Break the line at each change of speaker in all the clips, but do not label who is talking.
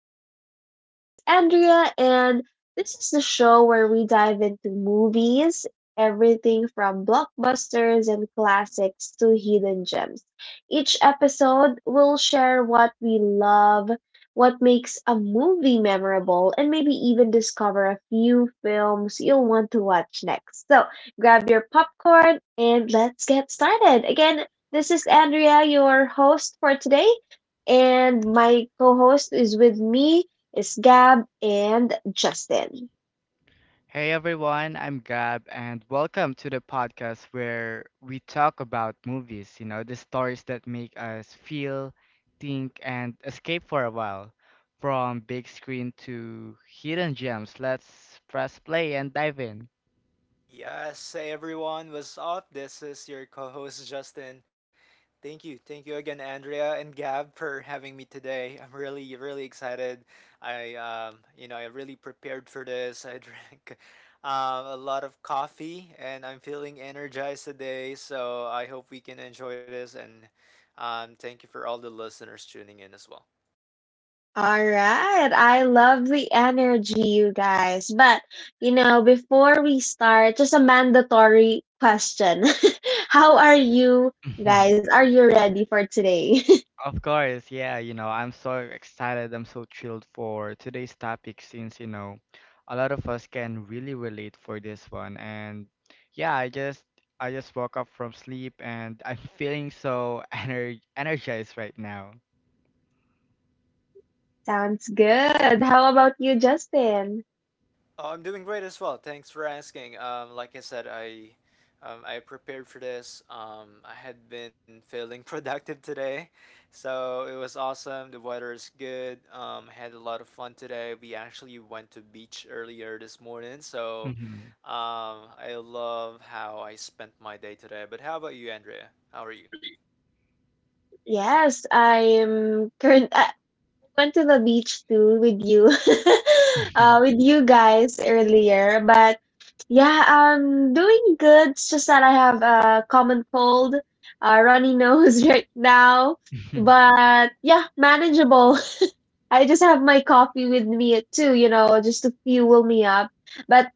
I am your host, Andrea, and this is the show where we dive into movies, everything from blockbusters and classics to hidden gems. Each episode, we'll share what we love, what makes a movie memorable, and maybe even discover a few films you'll want to watch next. So, grab your popcorn and let's get started. Again, this is Andrea, your host for today, and my co host is with me is Gab and Justin.
Hey everyone, I'm Gab, and welcome to the podcast where we talk about movies, the stories that make us feel, think, and escape for a while. From big screen to hidden gems, let's press play and dive in.
Yes, hey everyone, what's up? This is your co host Justin. Thank you. Thank you again, Andrea and Gab, for having me today. I'm really, really excited. I really prepared for this. I drank a lot of coffee and I'm feeling energized today. So I hope we can enjoy this. And Thank you for all the listeners tuning in as well.
All right, I love the energy, you guys. But, before we start, just a mandatory question. How are you guys? Are you ready for today?
Of course, yeah, I'm so excited. I'm so thrilled for today's topic since, a lot of us can really relate for this one. And yeah, I just woke up from sleep and I'm feeling so energized right now.
Sounds good. How about you, Justin?
Oh, I'm doing great as well. Thanks for asking. Like I said, I prepared for this. I had been feeling productive today, so it was awesome. The weather is good. I had a lot of fun today. We actually went to beach earlier this morning, so
Mm-hmm.
I love how I spent my day today. But how about you, Andrea? How are you?
Yes, I'm current. Went to the beach too with you, with you guys earlier. But yeah, I'm doing good. It's just that I have a common cold, runny nose right now. But yeah, manageable. I just have my coffee with me too, you know, just to fuel me up. But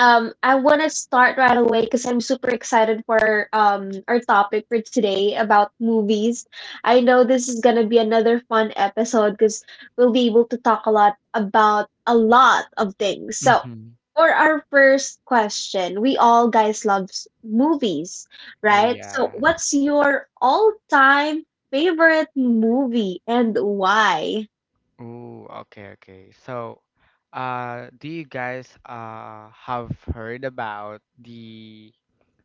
I want to start right away because I'm super excited for our topic for today about movies. I know this is gonna be another fun episode because we'll be able to talk a lot about a lot of things. So,
Mm-hmm.
for our first question, we all guys loves movies,
Oh
right? So,
yeah.
what's your all-time favorite movie and why?
Oh okay, okay. So, do you guys have heard about the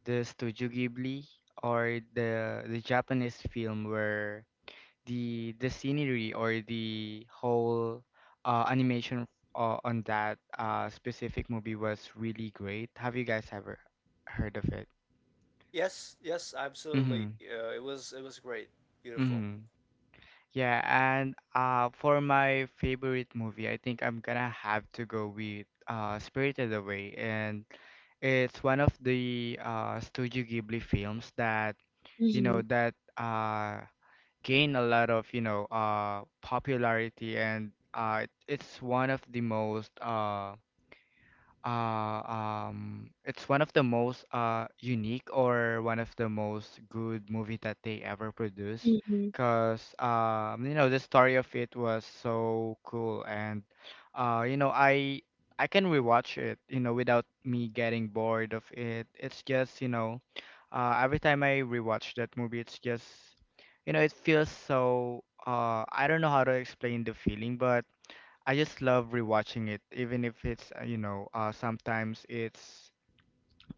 the Studio Ghibli or the Japanese film where the scenery or the whole animation on that specific movie was really great. Have you guys ever heard of it?
Yes, yes,
Mm-hmm.
absolutely. It was great. Beautiful.
Mm-hmm. Yeah, and for my favorite movie, I think I'm gonna have to go with Spirited Away, and it's one of the Studio Ghibli films that you
Mm-hmm.
know that uh Gain a lot of popularity, and it's one of the most uh, it's one of the most unique or one of the most good movie that they ever produced because you know the story of it was so cool. And you know, I can rewatch it, you know, without me getting bored of it. It's just, you know, every time I rewatch that movie, it's just, you know, it feels so I don't know how to explain the feeling, but I just love rewatching it. Even if it's, you know, sometimes it's,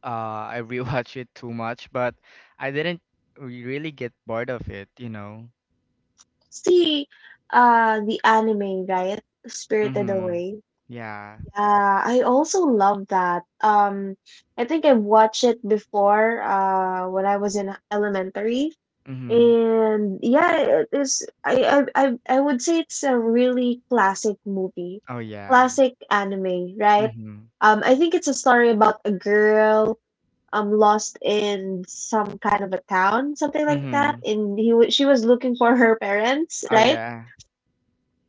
I rewatch it too much, but I didn't really get bored of it, you know.
See, the anime, right? Spirited
Mm-hmm.
Away.
Yeah.
Yeah, I also love that. I think I watched it before, when I was in elementary.
Mm-hmm.
And yeah, it is, I would say it's a really classic movie,
Oh, yeah.
classic anime, right?
Mm-hmm.
I think it's a story about a girl lost in some kind of a town, something like that.
Mm-hmm.
And he wa she was looking for her parents,
Oh,
right?
yeah.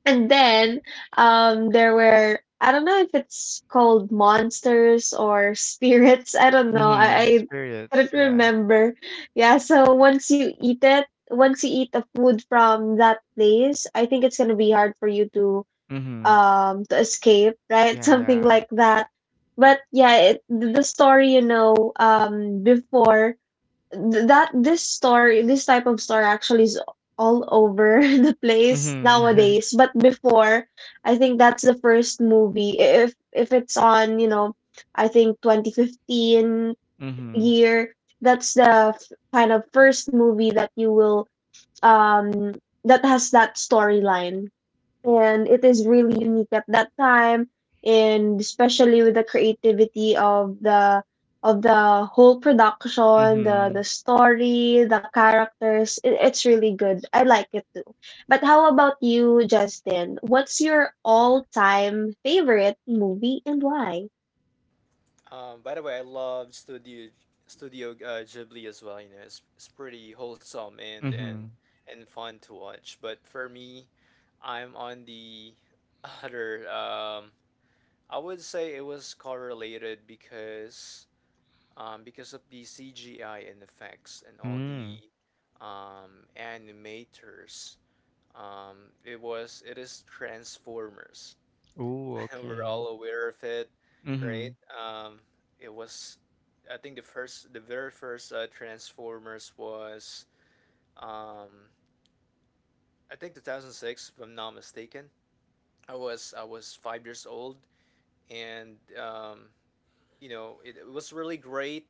And then there were, I don't know if it's called monsters or spirits. I don't know.
Mm-hmm.
I
Spirits.
Couldn't
Yeah.
remember. Yeah. So once you eat it, once you eat the food from that place, I think it's gonna be hard for you
Mm-hmm.
to escape, right?
Yeah,
Something
yeah.
like that. But yeah, the story, you know, before th- that this story, this type of story actually is all over the place
Mm-hmm.
nowadays, but before, I think that's the first movie, if it's on, you know, I think 2015
Mm-hmm.
year, that's the kind of first movie that you will um that has that storyline. And it is really unique at that time, and especially with the creativity of the whole production, the
Mm-hmm.
story, the characters, it's really good. I like it too. But how about you, Justin? What's your all-time favorite movie and why?
By the way, I love Studio Studio Ghibli as well. You know, it's pretty wholesome and and
Mm-hmm.
and fun to watch. But for me, I'm on the other. I would say it was correlated because of the CGI and effects and all the
Mm.
animators. It is Transformers.
Ooh,
We're
okay.
all aware of it,
Mm-hmm.
right? It was, I think the first, the very first Transformers was, um, I think 2006, if I'm not mistaken. I was 5 years old, and you know it was really great,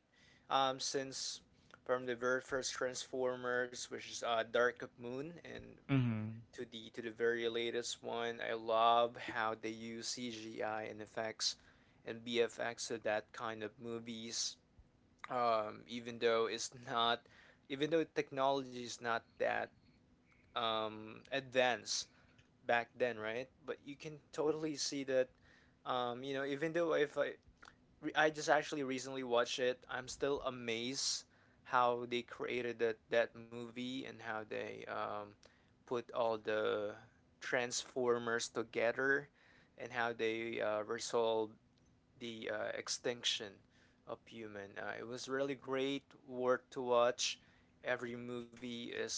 since from the very first Transformers, which is Dark of Moon, and
Mm-hmm.
to the very latest one. I love how they use CGI and effects and BFX to that kind of movies. Um, even though it's not, Even though technology is not that advanced back then, right? But you can totally see that. You know, even though if I re- I just actually recently watched it. I'm still amazed how they created that movie and how they put all the Transformers together and how they resolved the extinction of human. It was really great worth to watch. Every movie is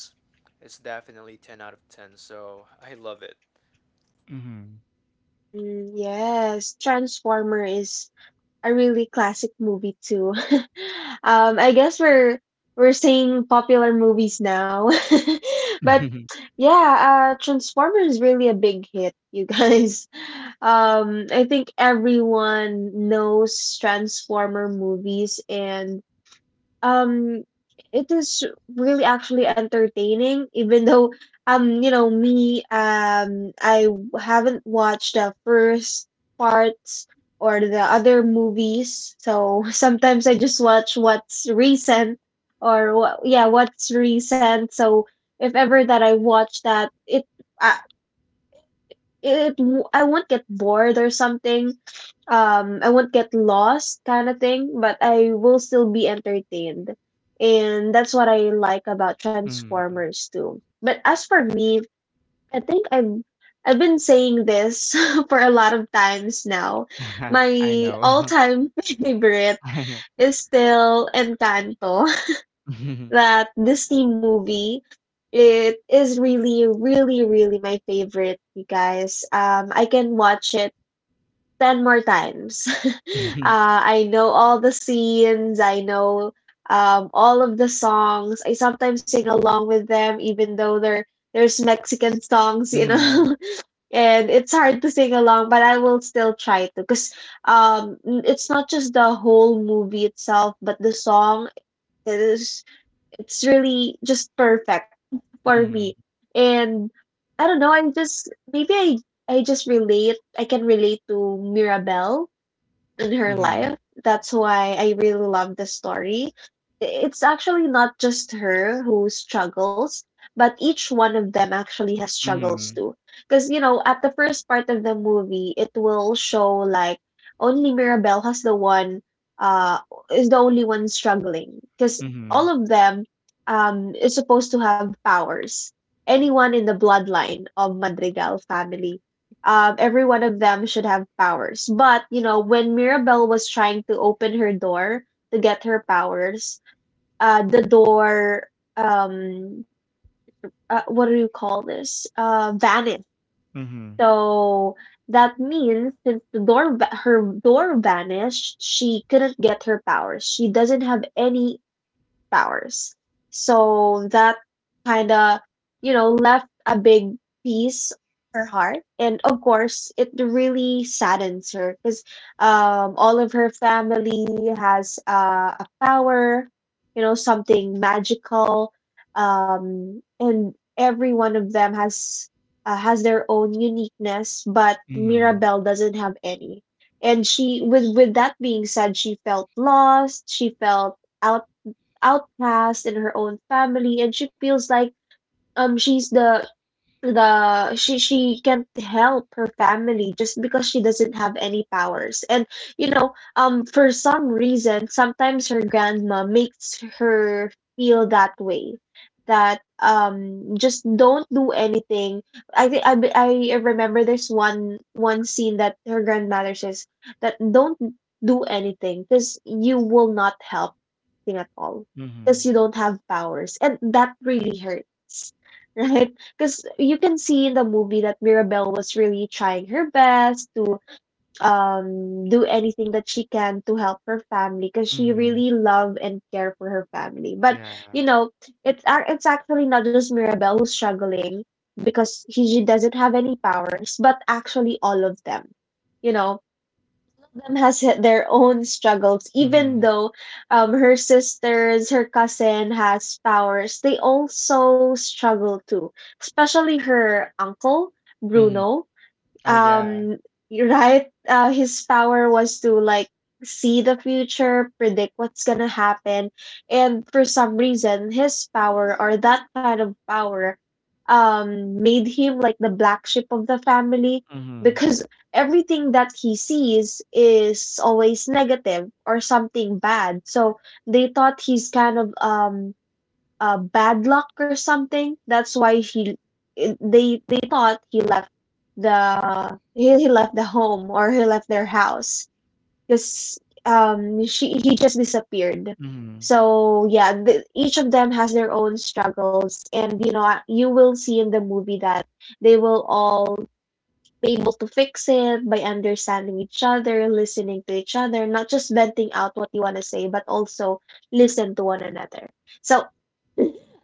is definitely 10 out of 10. So I love it.
Mm, yes, Transformer is a really classic movie too. I guess we're saying popular movies now, but
Mm-hmm.
yeah, Transformers is really a big hit, you guys. I think everyone knows Transformer movies, and um it is really actually entertaining, even though you know, me I haven't watched the first parts or the other movies, so sometimes I just watch what's recent, or what, yeah, what's recent. So if ever that I watch that it, I, it I won't get bored or something. I won't get lost kind of thing, but I will still be entertained. And that's what I like about
Mm-hmm.
Transformers too. But as for me, I think I've been saying this for a lot of times now. My
I know.
all-time favorite is still Encanto,
Mhm.
that Disney movie. It is really, really, really my favorite, you guys. I can watch it 10 more times. Uh, I know all the scenes, I know all of the songs. I sometimes sing along with them, even though there's Mexican songs, you
Mhm.
know. And it's hard to sing along, but I will still try to, because it's not just the whole movie itself, but the song is, it's really just perfect for
Mhm.
me. And I don't know, I'm just maybe I just relate. I can relate to Mirabelle in her
Mhm.
life. That's why I really love the story. It's actually not just her who struggles, but each one of them actually has struggles
Mhm.
too. Because, you know, at the first part of the movie, it will show like only Mirabelle has the one, uh, is the only one struggling. Because all
Mhm.
of them is supposed to have powers. Anyone in the bloodline of Madrigal family, every one of them should have powers. But, you know, when Mirabelle was trying to open her door to get her powers, uh, the door, um, what do you call this? Vanished.
Mhm. Mhm.
So that means since the door, her door vanished, she couldn't get her powers. She doesn't have any powers. So that kind of, you know, left a big piece her heart, and of course it really saddens her because all of her family has a power, you know, something magical. And every one of them has, has their own uniqueness, but
Mhm.
Mirabelle doesn't have any. And she with that being said, she felt lost, she felt outcast in her own family, and she feels like she's the she can't help her family just because she doesn't have any powers. And you know, for some reason, sometimes her grandma makes her feel that way, that just don't do anything. I think I remember there's one scene that her grandmother says that don't do anything because you will not help thing at all because
Mhm.
you don't have powers. And that really hurts, right? Because you can see in the movie that Mirabelle was really trying her best to do anything that she can to help her family, because she
Mhm.
really love and care for her family. But
Yeah.
you know, it's actually not just Mirabelle who's struggling because she doesn't have any powers, but actually all of them. You know, of them has had their own struggles. Even
Mhm.
though her sisters, her cousin has powers, they also struggle too. Especially her uncle,
Mhm.
Bruno.
Oh yeah.
um you're right, his power was to like see the future, predict what's gonna happen. And for some reason, his power, or that kind of power, made him like the black sheep of the family,
Mhm.
because everything that he sees is always negative or something bad. So they thought he's kind of bad luck or something. That's why he they thought he left the home, or he left their house, because she he just disappeared.
Mhm.
So yeah, each of them has their own struggles, and you know you will see in the movie that they will all be able to fix it by understanding each other, listening to each other, not just venting out what you want to say, but also listen to one another. So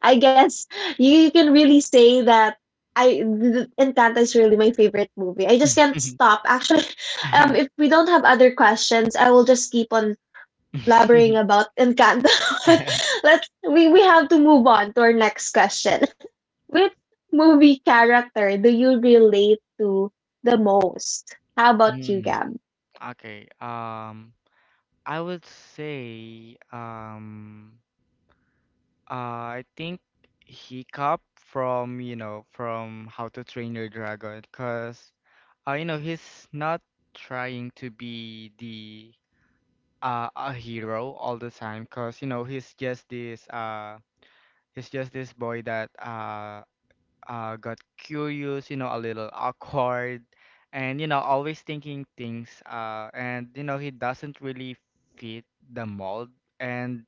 I guess you can really say that Encanto is really my favorite movie. I just can't stop. Actually, if we don't have other questions, I will just keep on blabbering about Encanto. But, Let's we have to move on to our next question. Which movie character do you relate to the most? How about you,
Mm.
Gab?
Okay. I would say I think he Hiccup from, you know, from How to Train Your Dragon, because, you know, he's not trying to be the a hero all the time, because you know, he's just this boy that got curious, you know, a little awkward, and you know, always thinking things, and you know, he doesn't really fit the mold. And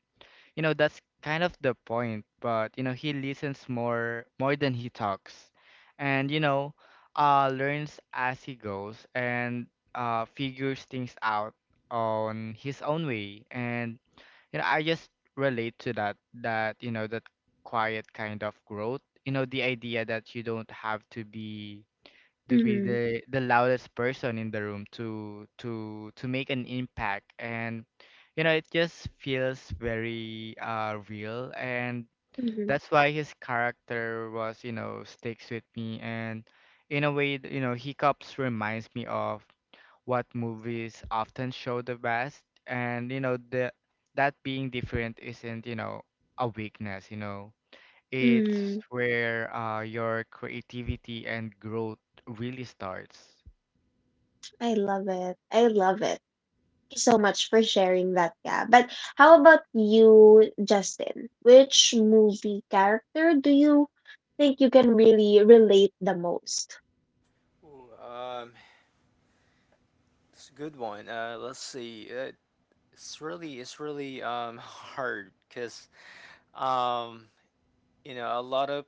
you know, that's kind of the point, but you know, he listens more than he talks. And you know, learns as he goes and figures things out on his own way. And you know, I just relate to that, you know, that quiet kind of growth. You know, the idea that you don't have to be
Mm-hmm.
the loudest person in the room to make an impact. And you know, it just feels very real, and that's why his character was you know sticks with me. And in a way, you know, hiccups reminds me of what movies often show the best. And you know, the that being different isn't, you know, a weakness. You know, it's
Mm-hmm.
where your creativity and growth really starts.
I love it. I love it. Thank you so much for sharing that, yeah. But how about you, Justin? Which movie character do you think you can really relate the most?
Ooh, it's a good one. Let's see. It's really Hard because um you know a lot of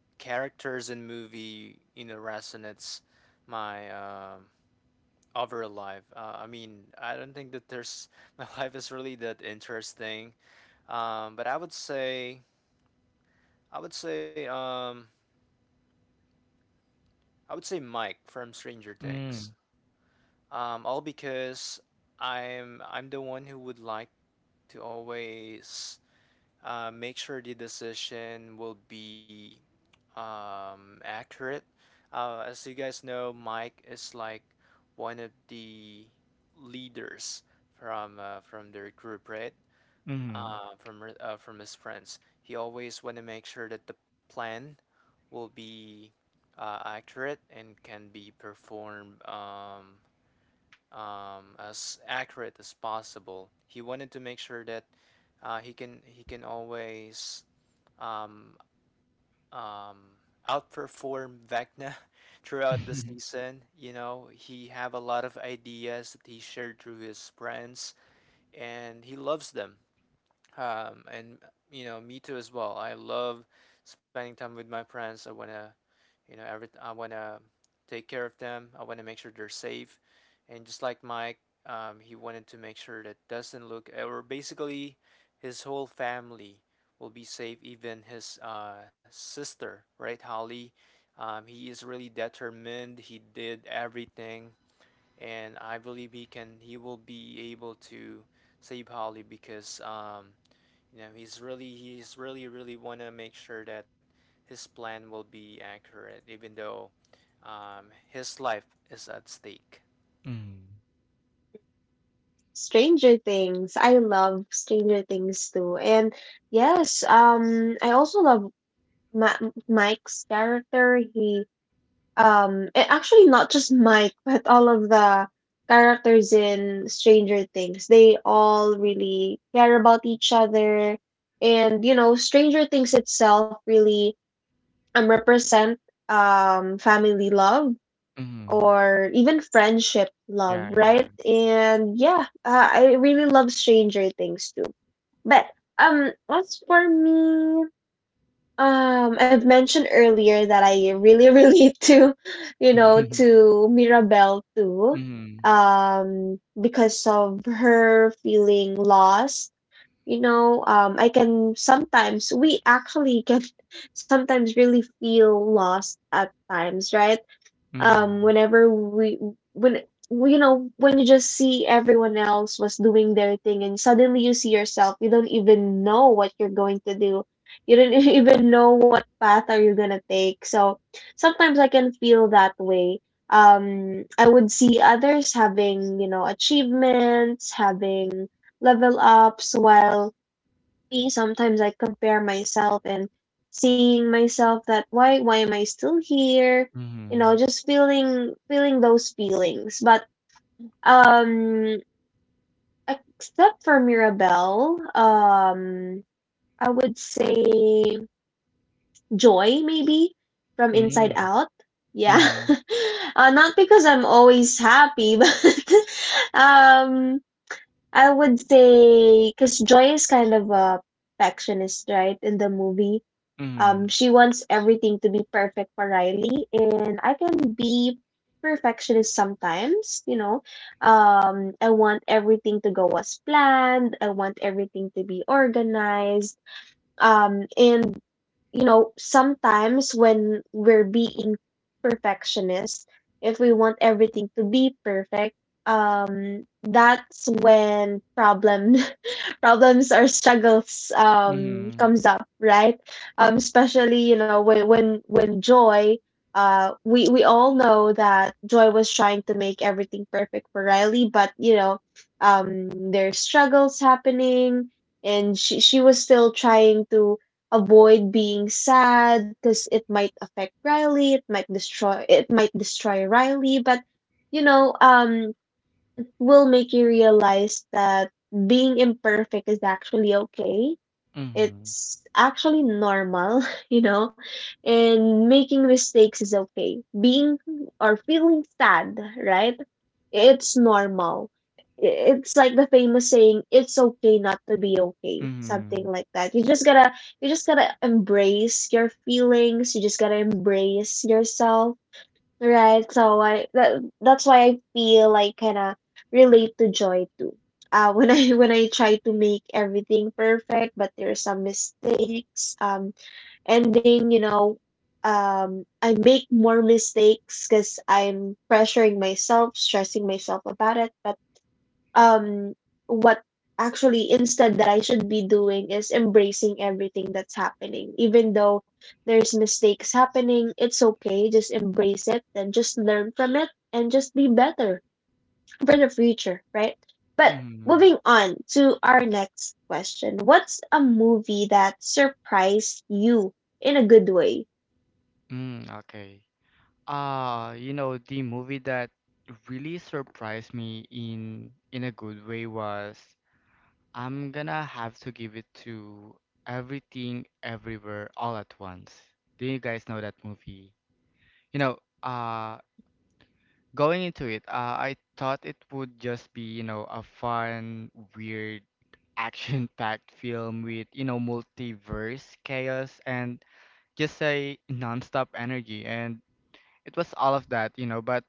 characters in movie, you know, resonates my overall life. I mean, I don't think that there's my life is really that interesting. Um but I would say I would say I would say Mike from Stranger Things.
Mm.
All because I'm the one who would like to always, make sure the decision will be accurate. As you guys know, Mike is like one of the leaders from their group, right?
Mm-hmm.
From his friends, he always want to make sure that the plan will be accurate and can be performed as accurate as possible. He wanted to make sure that he can always um, um, outperform Vecna throughout the season. You know, he have a lot of ideas that he shared through his friends, and he loves them. And you know me too as well, I love spending time with my friends. I want to, you know, every I want to take care of them, I want to make sure they're safe. And just like Mike, he wanted to make sure that doesn't look, or basically his whole family will be safe, even his sister, right, Holly. He is really determined, he did everything, and I believe he can, he will be able to save Holly because you know, he's really really want to make sure that his plan will be accurate, even though his life is at stake.
Mm-hmm.
Stranger Things. I love Stranger Things too. And yes, I also love Ma- Mike's character. He and actually not just Mike, but all of the characters in Stranger Things. They all really care about each other. And, you know, Stranger Things itself really represent family love
Mm-hmm.
or even friendship love,
Yeah, yeah.
right? And yeah, I really love Stranger Things too. But as for me, I've mentioned earlier that I really relate to, you know, to Mirabelle too,
Mm-hmm.
because of her feeling lost. You know, I can sometimes, we actually can sometimes really feel lost at times, right?
Mm-hmm.
Whenever we when Well, you know, when you just see everyone else was doing their thing, and suddenly you see yourself, you don't even know what you're going to do, you don't even know what path are you going to take. So sometimes I can feel that way. I would see others having, you know, achievements, having level ups, while me, sometimes I compare myself and seeing myself that why am I still here? You
Mm-hmm.
know, just feeling those feelings. But um except for Mirabelle, I would say Joy maybe, from Inside Out. Yeah.
Mm-hmm.
Not because I'm always happy, but um I would say because Joy is kind of a perfectionist, right? In the movie,
Mm-hmm. Mm-hmm.
she wants everything to be perfect for Riley, and I can be perfectionist sometimes. You know, I want everything to go as planned. I want everything to be organized. And you know, sometimes when we're being perfectionist, if we want everything to be perfect, that's when problem problems or struggles
Mm-hmm.
comes up, right? Especially you know when joy. We all know that Joy was trying to make everything perfect for Riley, but you know, there's struggles happening and she was still trying to avoid being sad because it might affect Riley, it might destroy Riley, but you know, will make you realize that being imperfect is actually okay.
Mm-hmm.
It's actually normal, you know, and making mistakes is okay. Being or feeling sad, right? It's normal. It's like the famous saying, it's okay not to be okay,
Mm-hmm.
something like that. You just gotta embrace your feelings, you just gotta embrace yourself. Right. So that's why I feel like kind of relate to joy too. When I when I try to make everything perfect, but there's some mistakes, ending, you know, I make more mistakes because I'm pressuring myself, stressing myself about it. But um what actually instead that I should be doing is embracing everything that's happening. Even though there's mistakes happening, it's okay. Just embrace it and just learn from it and just be better for the future, right? But
Mm-hmm.
moving on to our next question. What's a movie that surprised you in a good way?
Mm, okay. You know, the movie that really surprised me in a good way was I'm gonna have to give it to Everything Everywhere All at Once. Do you guys know that movie? You know, going into it, I thought it would just be, you know, a fun, weird, action-packed film with, you know, multiverse chaos and just a non-stop energy. And it was all of that, you know, but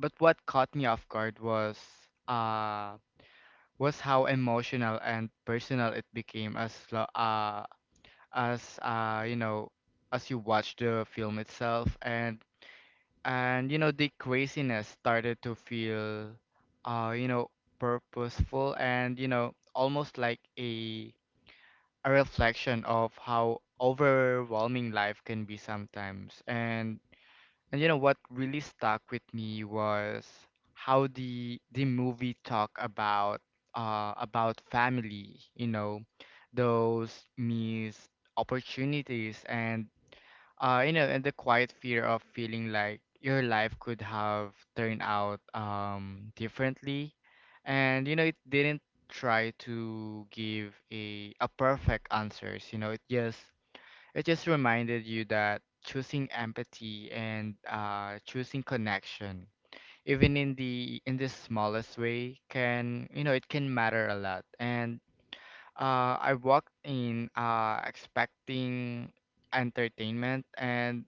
but what caught me off guard uh was how emotional and personal it became as you know, as you watch the film itself. And you know, the craziness started to feel, you know, purposeful, and you know, almost like a reflection of how overwhelming life can be sometimes. And you know, what really stuck with me was how the movie talk about family, you know, those missed opportunities, and you know, and the quiet fear of feeling like your life could have turned out differently. And you know, it didn't try to give a perfect answers. You know, it just reminded you that choosing empathy and choosing connection, even in the smallest way, can, you know, it can matter a lot. And I walked in expecting entertainment, and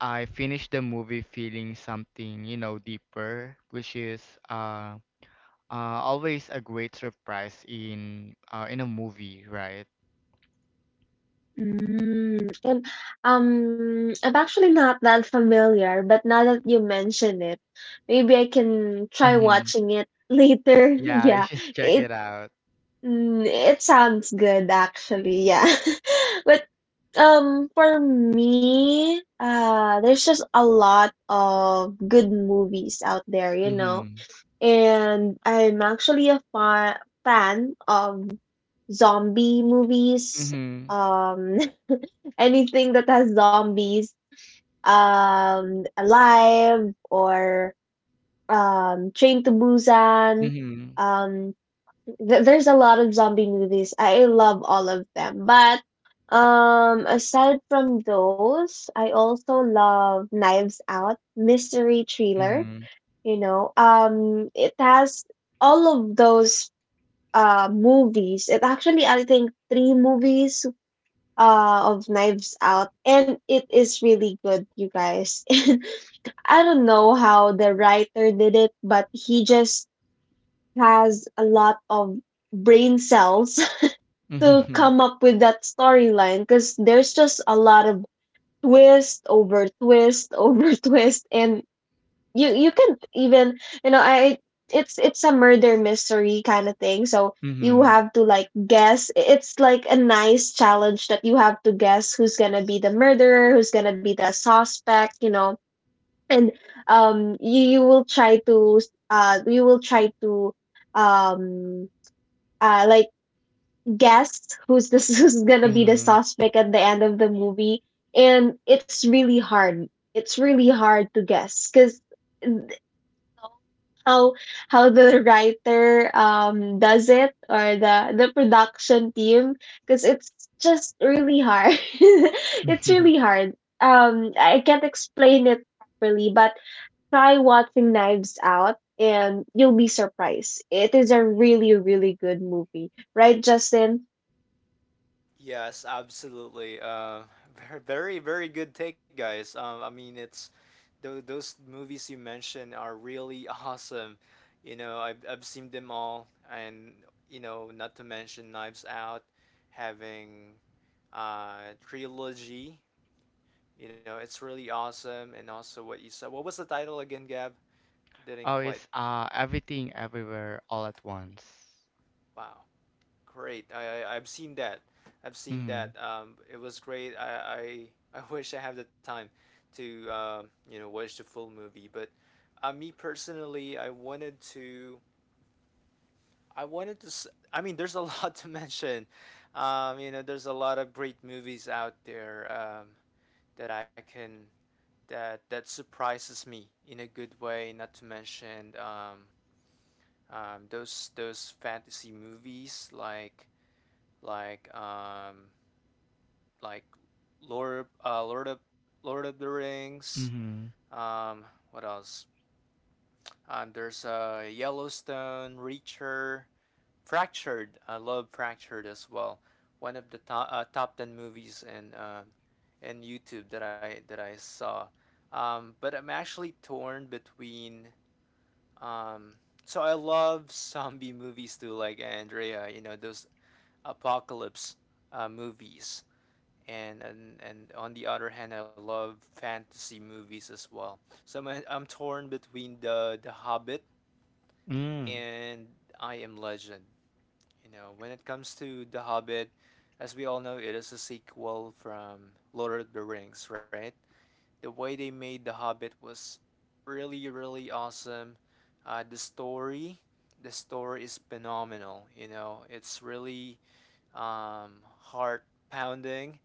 I finished the movie feeling something, you know, deeper, which is uh, uh, always a great surprise in a movie, right?
Mm, and I'm actually not that familiar, but now that you mention it, maybe I can try
Hmm.
watching it later.
Yeah, you
Yeah,
should check
it
it out.
it sounds good actually. Yeah, but for me, there's just a lot of good movies out there, you know,
Mm-hmm.
and I'm actually a fa fan of zombie movies.
Mhm,
Um, anything that has zombies, Alive or Train to Busan.
mhm,
Um, there's a lot of zombie movies. I love all of them. But aside from those, I also love Knives Out mystery thriller.
mhm,
You know, it has all of those movies. It actually, I think, three movies of Knives Out, and it is really good, you guys. And I don't know how the writer did it, but he just has a lot of brain cells
mhm,
to
mhm,
come up with that storyline, because there's just a lot of twist over twist over twist. And you can even you know I it's a murder mystery kind of thing. So you
mhm.
have to like guess. It's like a nice challenge that you have to guess who's gonna be the murderer, who's gonna be the suspect. You know, and you will try to uh you will try to um like guess who's this who's gonna be the
Mhm.
suspect at the end of the movie. And it's really hard to guess because how how the writer does it, or the production team, because it's just really hard. It's really hard, um, I can't explain it properly, but try watching Knives Out and you'll be surprised. It is a really really good movie, right, Justin?
Yes, absolutely. Very very very good take, guys. I mean, it's those movies you mentioned are really awesome. You know, I've seen them all, and you know, not to mention Knives Out, having trilogy. You know, it's really awesome. And also what you said. What was the title again, Gab? I didn't
Oh,
quite.
it's everything everywhere all at once.
Wow, great. I've seen that. I've seen
Mhm,
that. It was great. I wish I have the time to, you know, watch the full movie. But me personally, I wanted to. I wanted to. I mean, there's a lot to mention. You know, there's a lot of great movies out there that I can, that that surprises me in a good way. Not to mention those fantasy movies like um, like Lord uh, Lord of Lord of the Rings.
mhm,
Um, what else? There's a, Yellowstone, Reacher, Fractured. I love Fractured as well. One of the top, top 10 movies in, in YouTube that I saw. But I'm actually torn between. Um, so I love zombie movies too, like Andrea. You know, those apocalypse movies, and, and on the other hand, I love fantasy movies as well. So I'm torn between the Hobbit
mm,
and I Am Legend. You know, when it comes to the Hobbit, as we all know, it is a sequel from Lord of the Rings, right? The way they made the Hobbit was really really awesome. uh, the story the story is phenomenal. You know, it's really, heart pounding,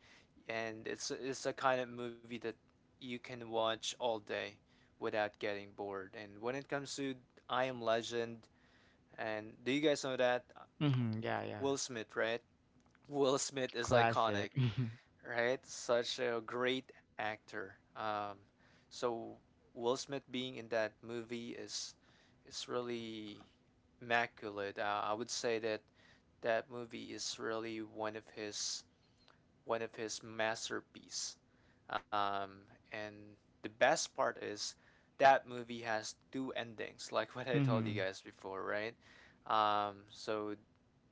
and it's a kind of movie that you can watch all day without getting bored. And when it comes to I Am Legend, and do you guys know that
mhm. Yeah, yeah.
Will Smith, right? Will Smith is
Classic.
iconic, right? Such a great actor. So Will Smith being in that movie is really immaculate. I would say that that movie is really one of his, one of his masterpieces. Um, and the best part is that movie has two endings, like what I told you
Mhm,
guys before, right? So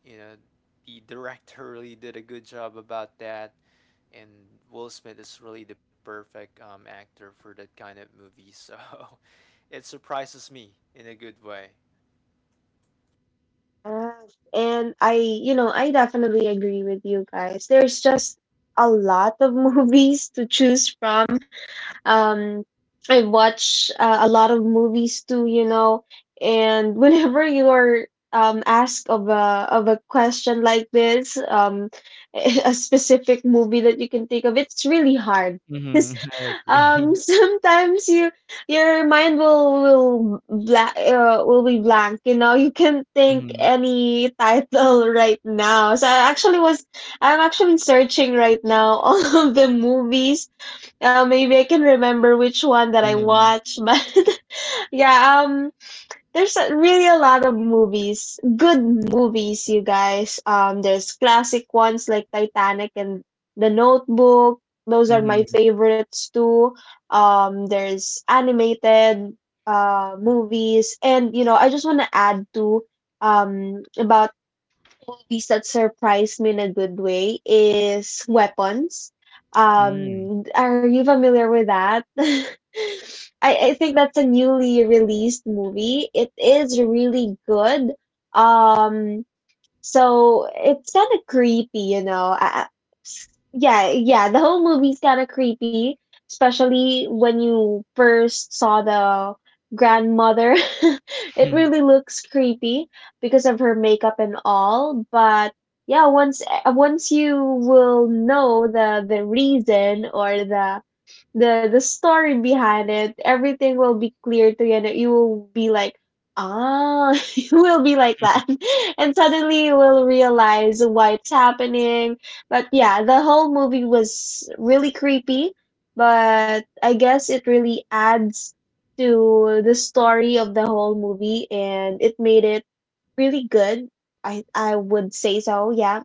you know the director really did a good job about that, and Will Smith is really the perfect actor for that kind of movie. So it surprises me in a good way.
Yes, and I, you know, I definitely agree with you guys. There's just a lot of movies to choose from. Um, I watch a lot of movies too, you know. And whenever you are asked of a question like this, a specific movie that you can think of, it's really hard.
mhm,
'Cause,
mhm. I agree.
sometimes you your mind will black will be blank. You know, you can't think
Mhm,
any title right now. So I'm actually searching right now all of the movies maybe I can remember which one that I
mhm,
watched, but yeah, there's a, really a lot of movies, good movies, you guys. There's classic ones like Titanic and The Notebook. Those are my
mhm,
favorites too. There's animated movies, and you know, I just want to add to about movies that surprised me in a good way is Weapons.
mhm,
Are you familiar with that? I think that's a newly released movie. It is really good. Um, so it's kind of creepy, you know. Yeah, yeah, the whole movie's kind of creepy, especially when you first saw the grandmother. It really looks creepy because of her makeup and all, but yeah, once you will know the reason or the story behind it, everything will be clear to you, and you will be like, ah, you will be like that, and suddenly you will realize why it's happening. But yeah, the whole movie was really creepy, but I guess it really adds to the story of the whole movie, and it made it really good. I would say so. Yeah,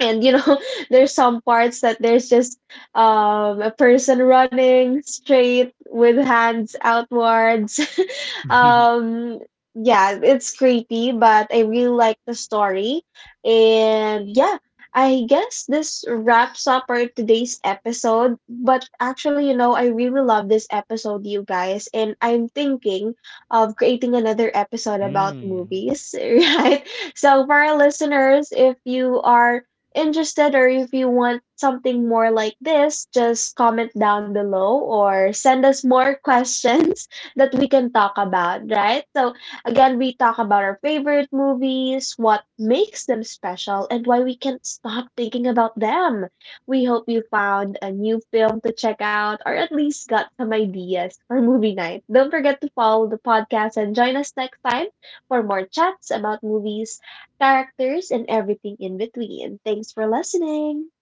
and you know there's some parts that there's just a person running straight with hands outwards
mhm,
um yeah it's creepy, but I really like the story. And yeah, I guess this wraps up our today's episode, but actually you know I really love this episode, you guys, and I'm thinking of creating another episode about
mhm.
movies right? So for our listeners, if you are interested or if you want something more like this, just comment down below or send us more questions that we can talk about, right? So, again, we talk about our favorite movies, what makes them special, and why we can't stop thinking about them. We hope you found a new film to check out or at least got some ideas for movie night. Don't forget to follow the podcast and join us next time for more chats about movies, characters, and everything in between. Thanks for listening.